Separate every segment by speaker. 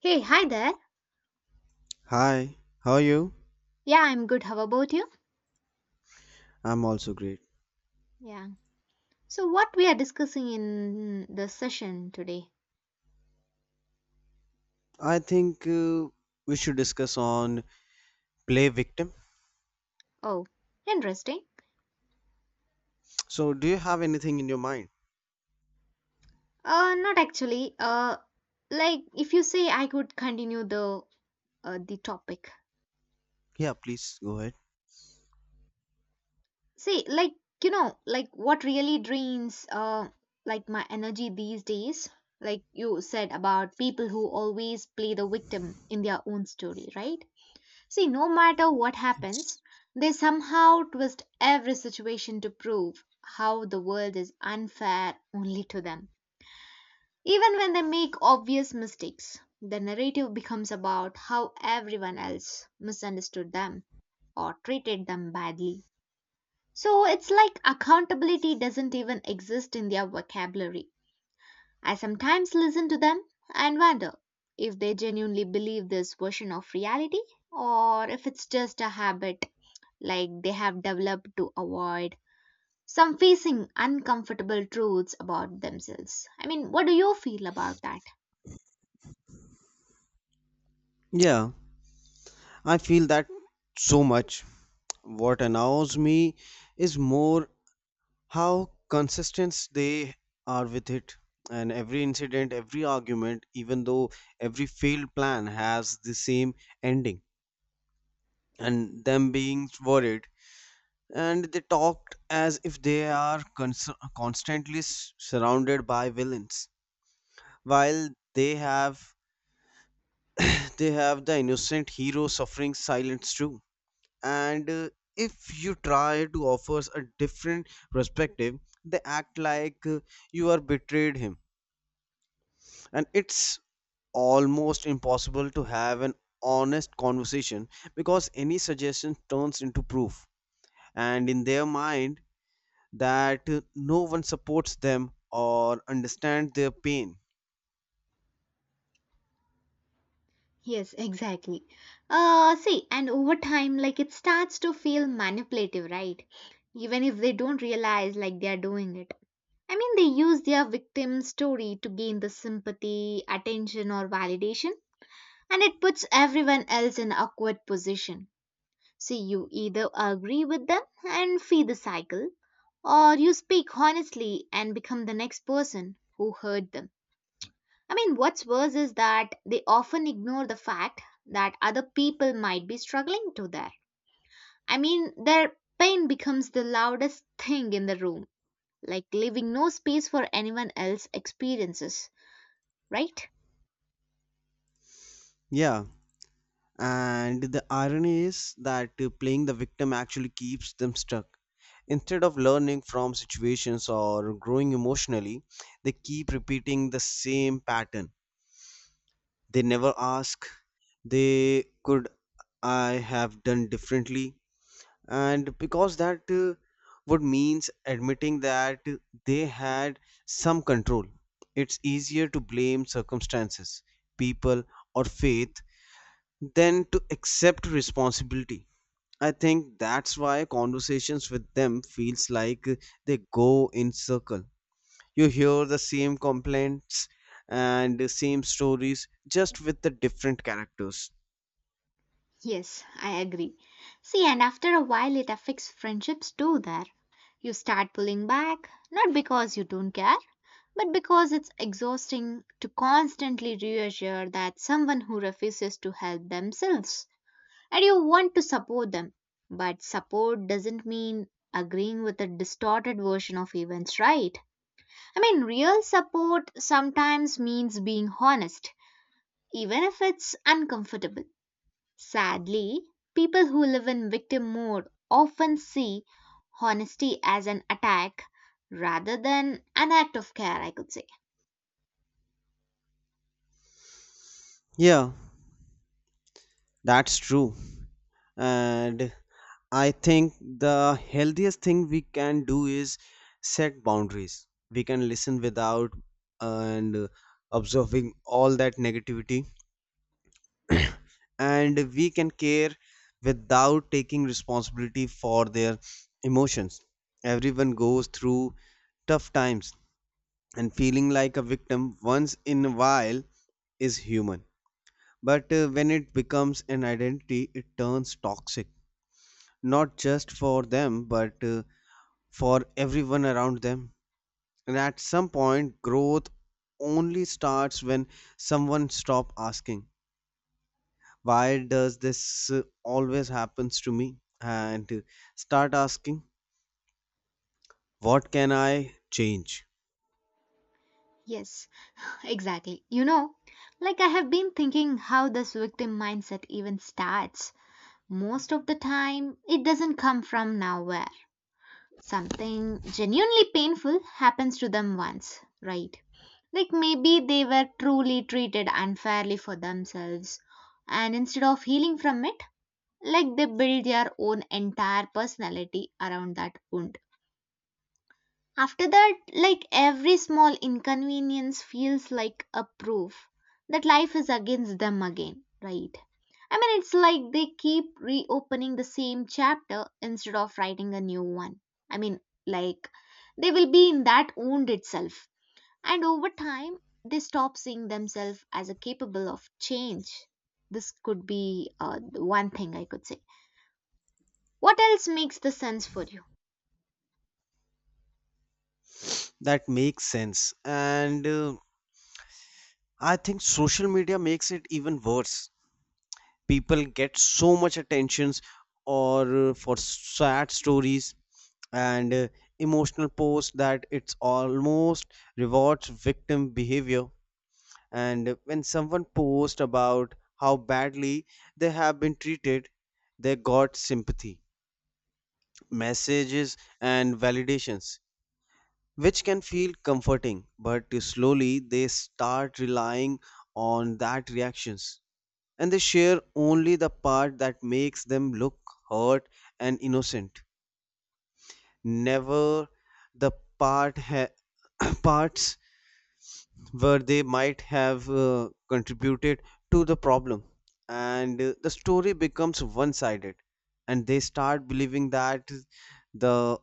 Speaker 1: Hey, hi there.
Speaker 2: Hi, how are you?
Speaker 1: Yeah, I'm good. How about you?
Speaker 2: I'm also great.
Speaker 1: Yeah. So, what we are discussing in the session today?
Speaker 2: I think we should discuss on play victim.
Speaker 1: Oh, interesting.
Speaker 2: So, do you have anything in your mind?
Speaker 1: Not actually. Like if you say I could continue the the topic.
Speaker 2: Yeah, please go ahead.
Speaker 1: See, like like what really drains like my energy these days. Like you said about people who always play the victim in their own story, right? See, no matter what happens,
Speaker 2: Yes.
Speaker 1: they somehow twist every situation to prove how the world is unfair only to them. Even when they make obvious mistakes, the narrative becomes about how everyone else misunderstood them or treated them badly. So it's like accountability doesn't even exist in their vocabulary. I sometimes listen to them and wonder if they genuinely believe this version of reality or if it's just a habit like they have developed to avoid some facing uncomfortable truths about themselves. I mean, what do you feel about that?
Speaker 2: Yeah, I feel that so much. What annoys me is more how consistent they are with it. And every incident, every argument, even though every failed plan has the same ending, and them being worried, and they talked as if they are constantly surrounded by villains, while they have they have the innocent hero suffering silence too. And if you try to offer a different perspective, they act like, you are betrayed him, and it's almost impossible to have an honest conversation, because any suggestion turns into proof, and in their mind that no one supports them or understands their pain.
Speaker 1: Yes, exactly. See, and over time, like it starts to feel manipulative, right? Even if they don't realize like they are doing it. I mean, they use their victim story to gain the sympathy, attention, or validation and it puts everyone else in awkward position. See, you either agree with them and feed the cycle, or you speak honestly and become the next person who hurt them. I mean, what's worse is that they often ignore the fact that other people might be struggling too, there. I mean, their pain becomes the loudest thing in the room, like leaving no space for anyone else's experiences, right?
Speaker 2: Yeah, and the irony is that playing the victim actually keeps them stuck. Instead of learning from situations or growing emotionally, they keep repeating the same pattern. They never ask, they could I have done differently? And because that, would means admitting that they had some control, it's easier to blame circumstances, people, or faith than to accept responsibility. I think that's why conversations with them feels like they go in circle. You hear the same complaints and the same stories, just with the different characters.
Speaker 1: Yes, I agree. See, and after a while, it affects friendships too, there. You start pulling back, not because you don't care, but because it's exhausting to constantly reassure that someone who refuses to help themselves. And you want to support them. But support doesn't mean agreeing with a distorted version of events, right? I mean, real support sometimes means being honest, even if it's uncomfortable. Sadly, people who live in victim mode often see honesty as an attack rather than an act of care, I could say.
Speaker 2: Yeah, that's true. And I think the healthiest thing we can do is set boundaries. We can listen without, and observing all that negativity, and we can care without taking responsibility for their emotions. Everyone goes through tough times, and feeling like a victim once in a while is human. But when it becomes an identity, it turns toxic, not just for them, but for everyone around them. And at some point, growth only starts when someone stop asking, "Why does this, uh, always happens to me?" And start asking, "What can I change?"
Speaker 1: Yes, exactly. You know, like I have been thinking how this victim mindset even starts. Most of the time, it doesn't come from nowhere. Something genuinely painful happens to them once, right? Like maybe they were truly treated unfairly for themselves, and instead of healing from it, like they build their own entire personality around that wound. After that, like every small inconvenience feels like a proof that life is against them again, right? I mean, it's like they keep reopening the same chapter instead of writing a new one. I mean, like they will be in that wound itself. And over time, they stop seeing themselves as a capable of change. This could be one thing I could say. What else makes the sense for you?
Speaker 2: That makes sense. And I think social media makes it even worse. People get so much attentions or, for sad stories and, emotional posts, that it's almost rewards victim behavior. And when someone posts about how badly they have been treated, they got sympathy messages and validations, which can feel comforting, but slowly they start relying on that reactions. And they share only the part that makes them look hurt and innocent, never the part ha- parts where they might have, contributed to the problem. And the story becomes one sided, and they start believing that the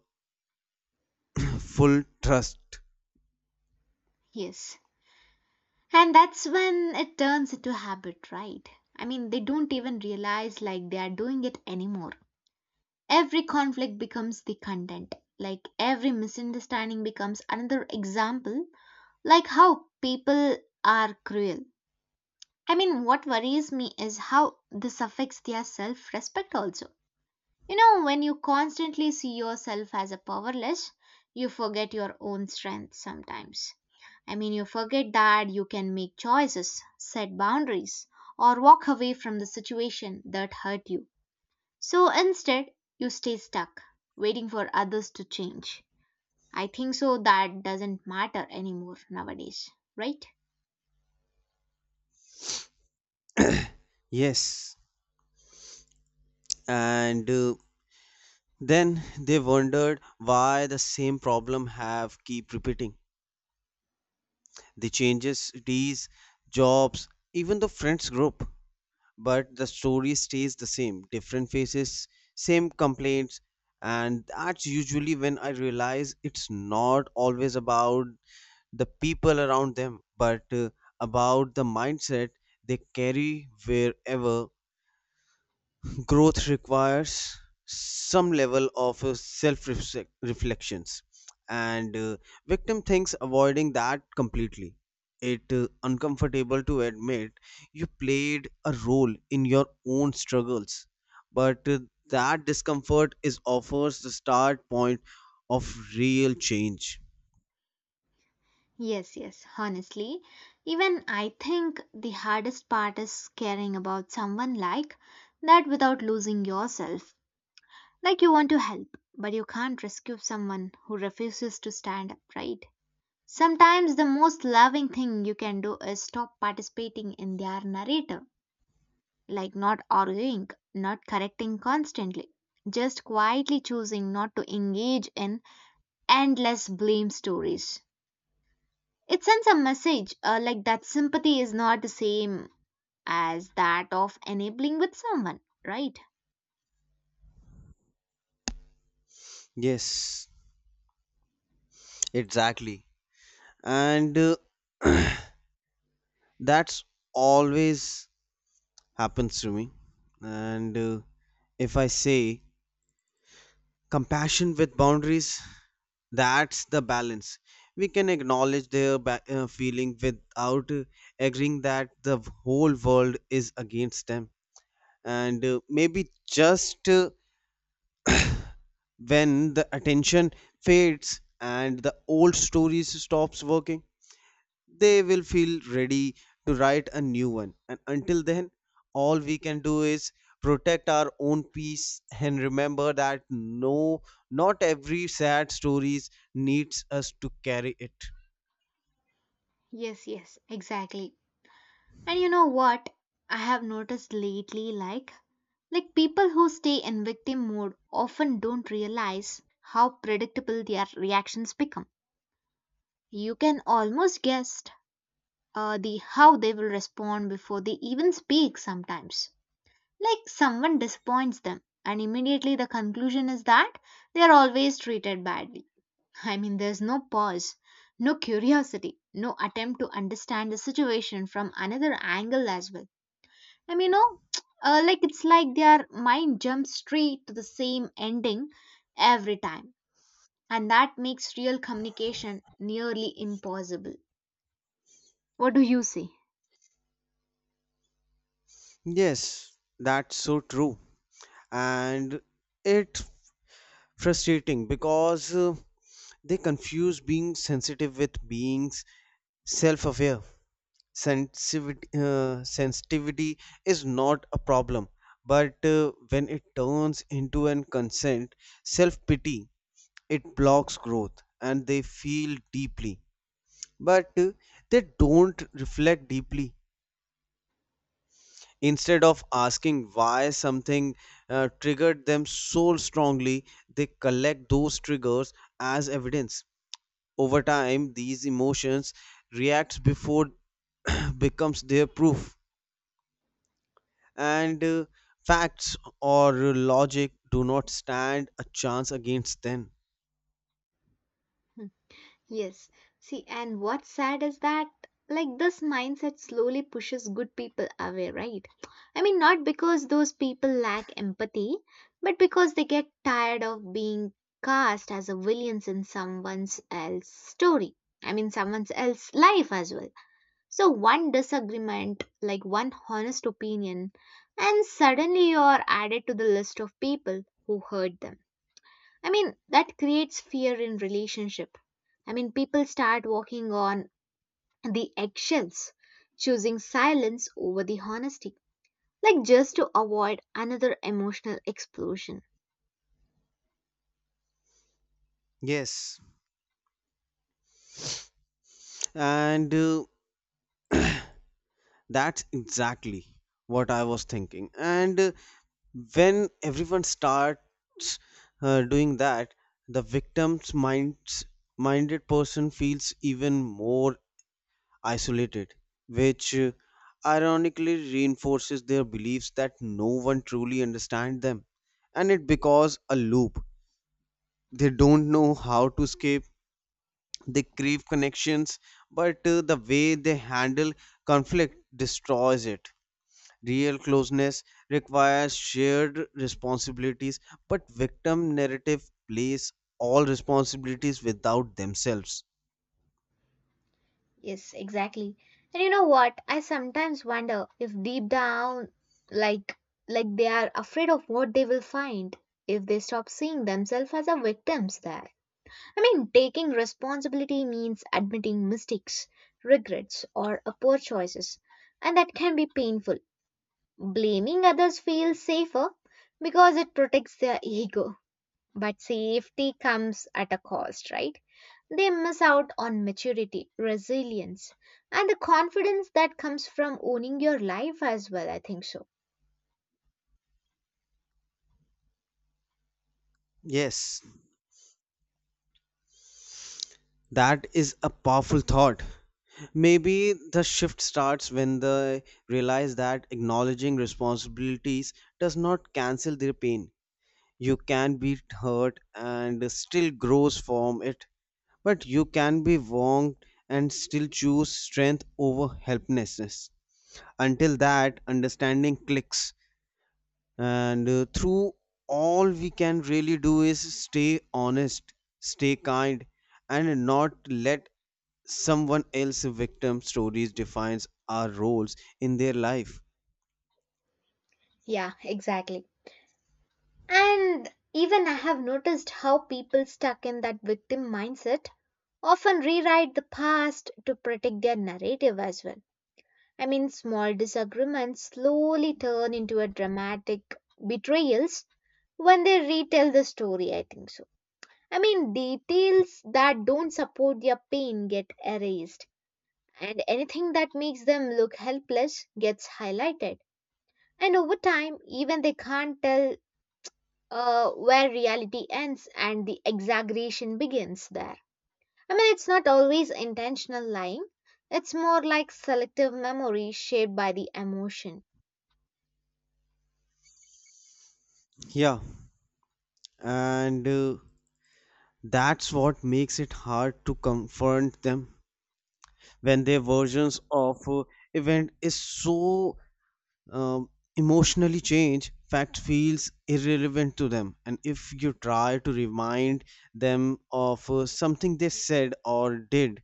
Speaker 2: full trust.
Speaker 1: Yes. And that's when it turns into a habit, right? I mean, they don't even realize like they are doing it anymore. Every conflict becomes the content. Like every misunderstanding becomes another example, like how people are cruel. I mean, what worries me is how this affects their self respect also. You know, when you constantly see yourself as a powerless, you forget your own strength sometimes. I mean, you forget that you can make choices, set boundaries, or walk away from the situation that hurt you. So instead, you stay stuck, waiting for others to change. I think so, that doesn't matter anymore nowadays, right?
Speaker 2: Yes, and then they wondered why the same problem have keep repeating. They changes cities, jobs, even the friends group. But the story stays the same. Different faces, same complaints. And that's usually when I realize it's not always about the people around them, but about the mindset they carry wherever. Growth requires some level of self reflections, and victim thinks avoiding that completely. It, uncomfortable to admit you played a role in your own struggles, but that discomfort is offers the start point of real change.
Speaker 1: Yes, yes, honestly. Even I think the hardest part is caring about someone like that without losing yourself. Like you want to help, but you can't rescue someone who refuses to stand up, right? Sometimes the most loving thing you can do is stop participating in their narrative, like not arguing, not correcting constantly, just quietly choosing not to engage in endless blame stories. It sends a message like that sympathy is not the same as that of enabling with someone, right?
Speaker 2: Yes, exactly. And that's always happens to me. And if I say compassion with boundaries, that's the balance. We can acknowledge their feeling without, agreeing that the whole world is against them. And maybe just, when the attention fades and the old stories stops working, they will feel ready to write a new one. And until then, all we can do is protect our own peace, and remember that no, not every sad stories needs us to carry it.
Speaker 1: Yes, yes, exactly. And you know what? I have noticed lately like people who stay in victim mode often don't realize how predictable their reactions become. You can almost guess the how they will respond before they even speak sometimes. Like someone disappoints them, and immediately the conclusion is that they are always treated badly. I mean, there's no pause, no curiosity, no attempt to understand the situation from another angle as well. I mean, no, it's like their mind jumps straight to the same ending every time, and that makes real communication nearly impossible. What do you say?
Speaker 2: Yes, that's so true. And it frustrating because they confuse being sensitive with being self-aware. Sensitivity is not a problem, but when it turns into an consent self-pity, it blocks growth. And they feel deeply, but they don't reflect deeply. Instead of asking why something, triggered them so strongly, they collect those triggers as evidence. Over time these emotions reacts before becomes their proof, and facts or logic do not stand a chance against them.
Speaker 1: Hmm. Yes. See, and what's sad is that, like, this mindset slowly pushes good people away, right? I mean, not because those people lack empathy, but because they get tired of being cast as a villains in someone's else story. I mean, someone's else life as well. So, one disagreement, like one honest opinion, and suddenly you're added to the list of people who hurt them. I mean, that creates fear in relationship. I mean, people start walking on the eggshells, choosing silence over the honesty, like just to avoid another emotional explosion.
Speaker 2: Yes. And that's exactly what I was thinking. And when everyone starts, doing that, the victim's minds minded person feels even more isolated, which, ironically reinforces their beliefs that no one truly understands them. And it becomes a loop they don't know how to escape. They crave connections, but the way they handle conflict destroys it. Real closeness requires shared responsibilities, but victim narrative plays all responsibilities without themselves.
Speaker 1: Yes, exactly. And you know what? I sometimes wonder if deep down, like, like they are afraid of what they will find if they stop seeing themselves as a victims there. I mean, taking responsibility means admitting mistakes, regrets, or a poor choices, and that can be painful. Blaming others feels safer because it protects their ego, but safety comes at a cost, right? They miss out on maturity, resilience, and the confidence that comes from owning your life as well, I think so.
Speaker 2: Yes, that is a powerful thought. Maybe the shift starts when they realize that acknowledging responsibilities does not cancel their pain. You can be hurt and still grows from it, but you can be wronged and still choose strength over helplessness. Until that understanding clicks, and through, all we can really do is stay honest, stay kind, and not let someone else's victim stories defines our roles in their life.
Speaker 1: Yeah, exactly. And even I have noticed how people stuck in that victim mindset often rewrite the past to protect their narrative as well. I mean, small disagreements slowly turn into a dramatic betrayals when they retell the story, I think so. I mean, details that don't support their pain get erased, and anything that makes them look helpless gets highlighted. And over time, even they can't tell where reality ends and the exaggeration begins there. I mean, it's not always intentional lying, it's more like selective memory shaped by the emotion.
Speaker 2: Yeah, and that's what makes it hard to confront them, when their versions of, event is so, um, emotionally changed, fact feels irrelevant to them. And if you try to remind them of, something they said or did,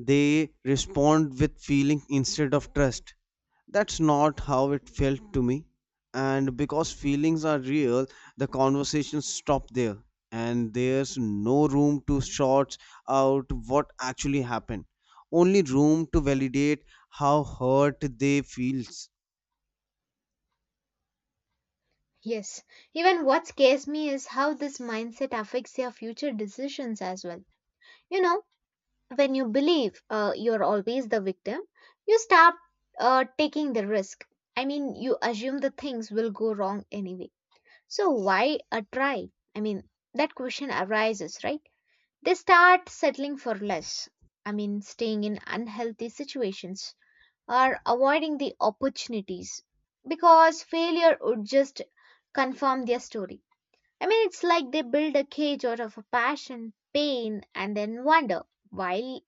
Speaker 2: they respond with feeling instead of trust. That's not how it felt to me. And because feelings are real, the conversations stop there. And there's no room to sort out what actually happened, only room to validate how hurt they feels.
Speaker 1: Yes, even what scares me is how this mindset affects your future decisions as well. You know, when you believe you're always the victim, you start taking the risk. I mean, you assume the things will go wrong anyway. So, why a try? I mean, that question arises, right? They start settling for less. I mean, staying in unhealthy situations or avoiding the opportunities because failure would just confirm their story. I mean, it's like they build a cage out of a passion, pain, and then wonder why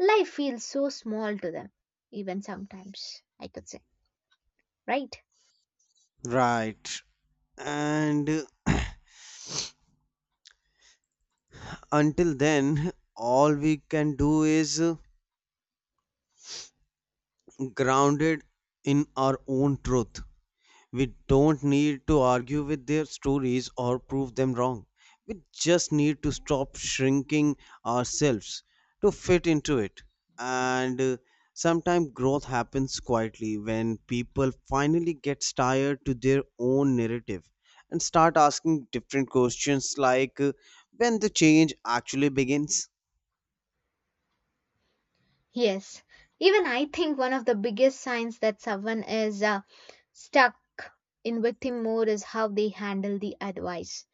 Speaker 1: life feels so small to them, even sometimes, I could say, right?
Speaker 2: Right. And until then, all we can do is, grounded in our own truth. We don't need to argue with their stories or prove them wrong. We just need to stop shrinking ourselves to fit into it. And sometimes growth happens quietly, when people finally get tired to their own narrative and start asking different questions, like, when the change actually begins.
Speaker 1: Yes. Even I think one of the biggest signs that someone is stuck in victim mode is how they handle the advice.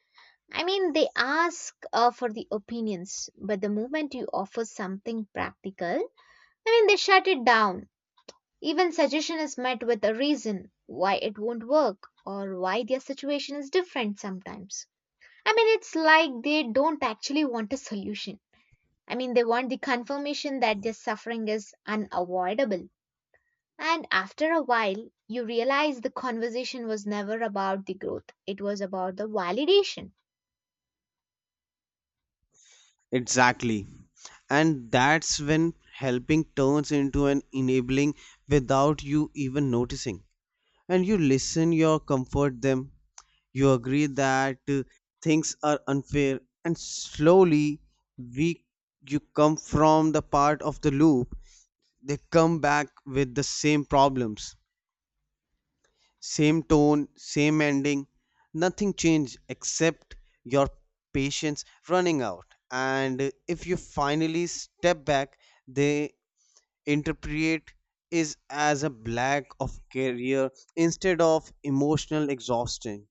Speaker 1: I mean, they ask for the opinions, but the moment you offer something practical, I mean, they shut it down. Even suggestion is met with a reason why it won't work or why their situation is different sometimes. I mean, it's like they don't actually want a solution. I mean, they want the confirmation that their suffering is unavoidable. And after a while, you realize the conversation was never about the growth, it was about the validation.
Speaker 2: Exactly. And that's when helping turns into an enabling without you even noticing. And you listen, you comfort them, you agree that, things are unfair, and slowly we you come from the part of the loop. They come back with the same problems, same tone, same ending. Nothing changed except your patience running out. And if you finally step back, they interpret is as a lack of career instead of emotional exhaustion.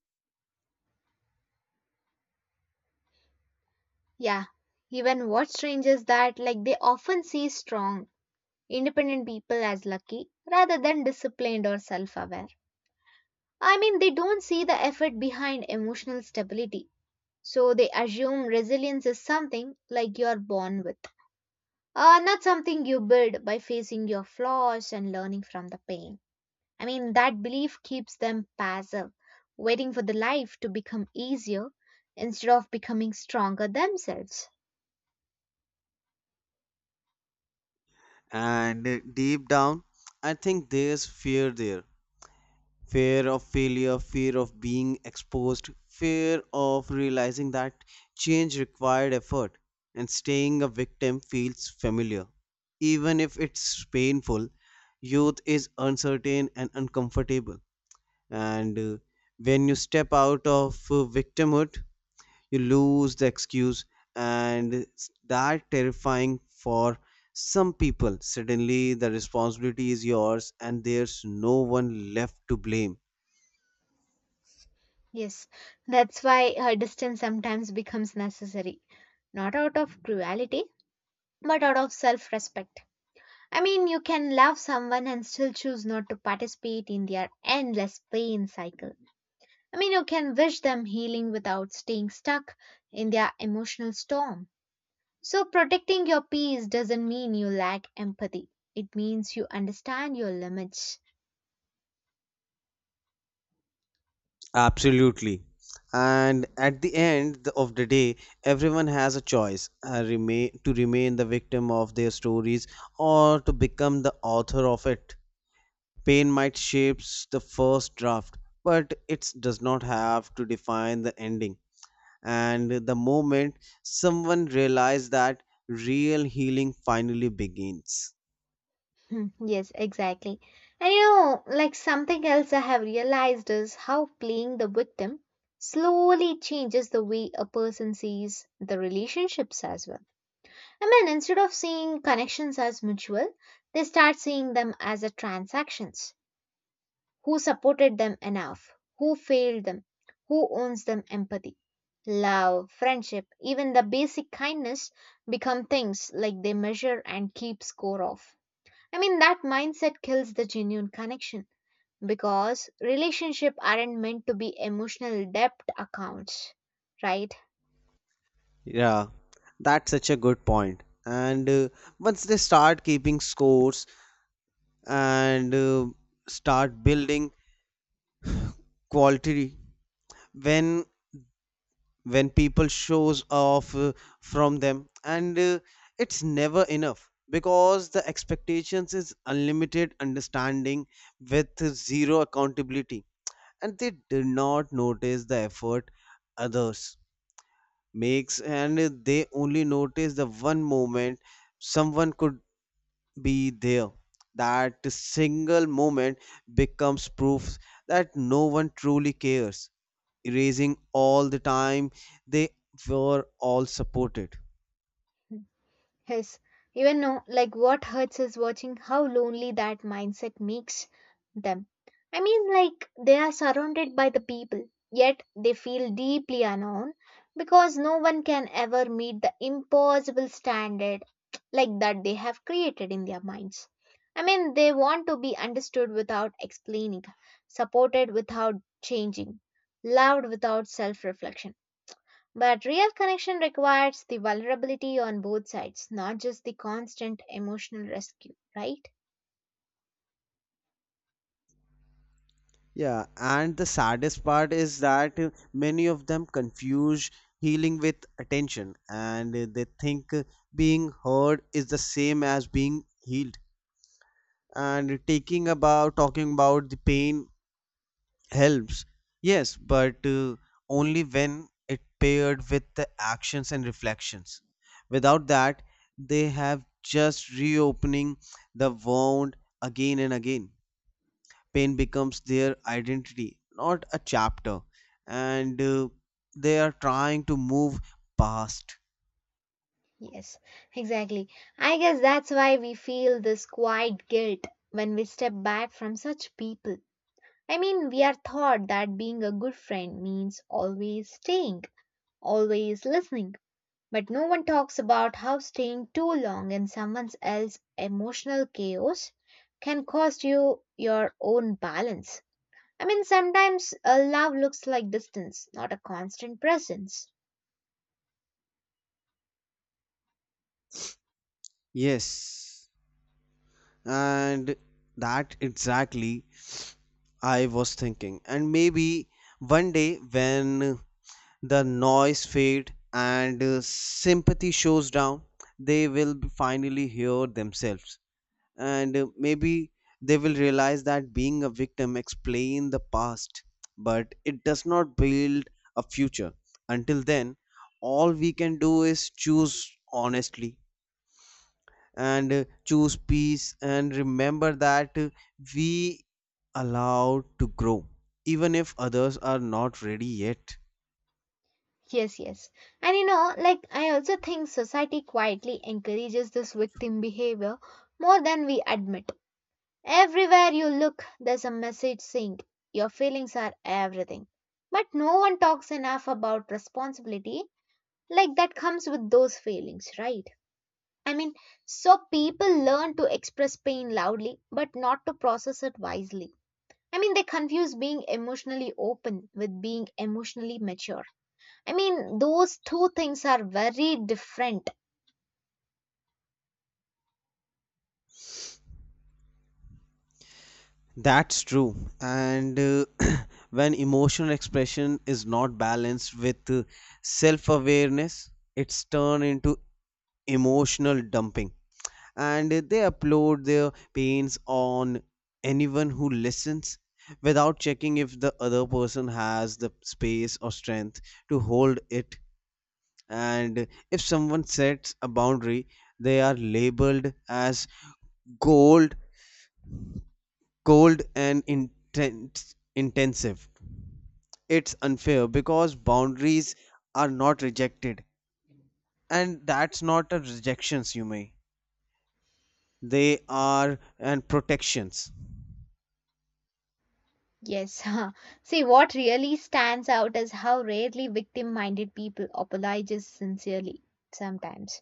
Speaker 1: Yeah, even what's strange is that, like, they often see strong, independent people as lucky rather than disciplined or self aware. I mean, they don't see the effort behind emotional stability. So they assume resilience is something like you're born with, not something you build by facing your flaws and learning from the pain. I mean, that belief keeps them passive, waiting for the life to become easier instead of becoming stronger themselves.
Speaker 2: And deep down, I think there's fear there. Fear of failure, fear of being exposed, fear of realizing that change required effort, and staying a victim feels familiar even if it's painful. Youth is uncertain and uncomfortable. And when you step out of, victimhood, you lose the excuse. And it's that terrifying for some people. Suddenly the responsibility is yours, and there's no one left to blame.
Speaker 1: Yes, that's why her distance sometimes becomes necessary, not out of cruelty, but out of self respect. I mean, you can love someone and still choose not to participate in their endless pain cycle. I mean, you can wish them healing without staying stuck in their emotional storm. So, protecting your peace doesn't mean you lack empathy, it means you understand your limits.
Speaker 2: Absolutely. And at the end of the day, everyone has a choice, remain to remain the victim of their stories, or to become the author of it. Pain might shape the first draft, but it does not have to define the ending. And the moment someone realizes that, real healing finally begins.
Speaker 1: Hmm, yes, exactly. And you know, like something else I have realized is how playing the victim slowly changes the way a person sees the relationships as well. I mean, instead of seeing connections as mutual, they start seeing them as a transactions. Who supported them enough? Who failed them? Who owns them empathy? Love, friendship, even the basic kindness become things like they measure and keep score of. I mean, that mindset kills the genuine connection because relationships aren't meant to be emotional depth accounts, right?
Speaker 2: Yeah, that's such a good point. And once they start keeping scores, and start building quality, when when people shows off, from them, and it's never enough, because the expectations is unlimited understanding with zero accountability. And they did not notice the effort others makes, and they only notice the one moment someone could be there. That single moment becomes proof that no one truly cares, erasing all the time they were all supported.
Speaker 1: Yes, even know like what hurts is watching how lonely that mindset makes them. I mean, like they are surrounded by the people, yet they feel deeply unknown because no one can ever meet the impossible standard like that they have created in their minds. I mean, they want to be understood without explaining, supported without changing, loved without self reflection but real connection requires the vulnerability on both sides, not just the constant emotional rescue, right?
Speaker 2: Yeah, and the saddest part is that many of them confuse healing with attention. And they think, being heard is the same as being healed. And taking about talking about the pain helps, yes, but only when it paired with the actions and reflections. Without that, they have just reopening the wound again and again. Pain becomes their identity, not a chapter. And they are trying to move past.
Speaker 1: Yes, exactly. I guess that's why we feel this quiet guilt when we step back from such people. I mean, we are taught that being a good friend means always staying, always listening. But no one talks about how staying too long in someone else's emotional chaos can cost you your own balance. I mean, sometimes love looks like distance, not a constant presence.
Speaker 2: Yes, and that exactly I was thinking. And maybe one day, when the noise fade and, sympathy shows down, they will finally hear themselves. And maybe they will realize that being a victim explains the past, but it does not build a future. Until then, all we can do is choose honestly, and choose peace, and remember that we allowed to grow even if others are not ready yet.
Speaker 1: Yes, yes. And you know, like, I also think society quietly encourages this victim behavior more than we admit. Everywhere you look, there's a message saying, your feelings are everything. But no one talks enough about responsibility, like, that comes with those feelings, right? I mean, so people learn to express pain loudly, but not to process it wisely. I mean, they confuse being emotionally open with being emotionally mature. I mean, those two things are very different.
Speaker 2: That's true. And when emotional expression is not balanced with, self-awareness, it's turned into emotional dumping. And they upload their pains on anyone who listens, without checking if the other person has the space or strength to hold it. And if someone sets a boundary, they are labeled as cold cold and intense intensive. It's unfair, because boundaries are not rejected, and that's not a rejections, you may, they are and protections.
Speaker 1: Yes. See, what really stands out is how rarely victim minded people apologize sincerely sometimes.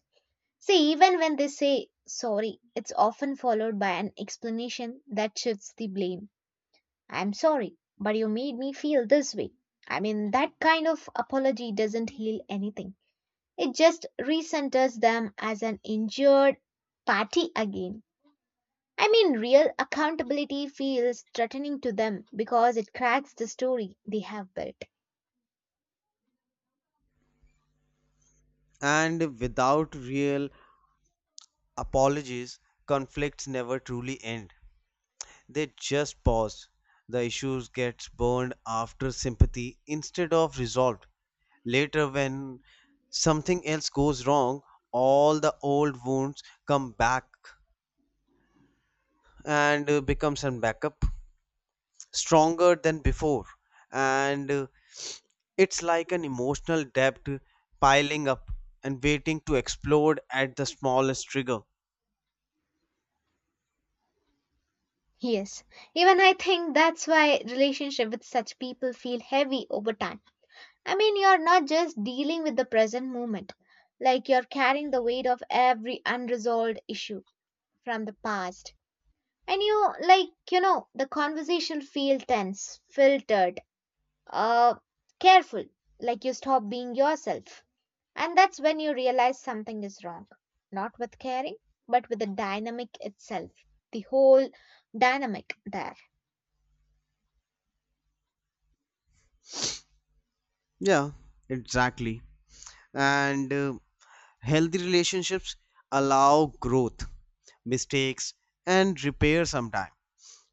Speaker 1: See, even when they say sorry, it's often followed by an explanation that shifts the blame. I'm sorry, but you made me feel this way. I mean, that kind of apology doesn't heal anything. It just re-centers them as an injured party again. I mean, real accountability feels threatening to them because it cracks the story they have built.
Speaker 2: And without real apologies, conflicts never truly end. They just pause. The issues gets burned after sympathy instead of resolved. Later when something else goes wrong, all the old wounds come back and becomes a backup stronger than before. And it's like an emotional debt piling up and waiting to explode at the smallest trigger.
Speaker 1: Yes, even I think that's why relationship with such people feel heavy over time. I mean, you're not just dealing with the present moment, like you're carrying the weight of every unresolved issue from the past. And you, like, you know, the conversation feel tense, filtered, uh, careful, like you stop being yourself. And that's when you realize something is wrong. Not with caring, but with the dynamic itself, the whole dynamic there.
Speaker 2: Yeah, exactly. And healthy relationships allow growth, mistakes, and repair sometime.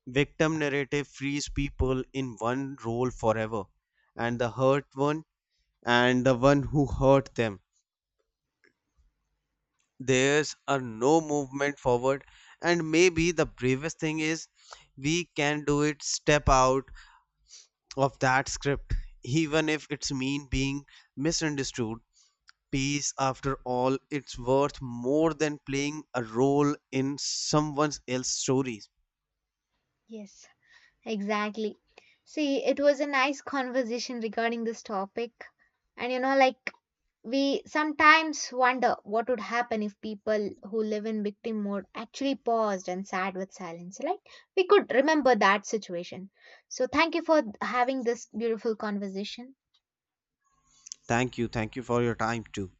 Speaker 2: Victim narrative frees people in one role forever, and the hurt one and the one who hurt them, there's a no movement forward. And maybe the bravest thing is we can do it, step out of that script, even if it's mean being misunderstood. Peace, after all, it's worth more than playing a role in someone else's stories.
Speaker 1: Yes. Exactly. See, it was a nice conversation regarding this topic. And you know, like, we sometimes wonder what would happen if people who live in victim mode actually paused and sat with silence, right? We could remember that situation. So, thank you for having this beautiful conversation.
Speaker 2: Thank you. Thank you for your time too.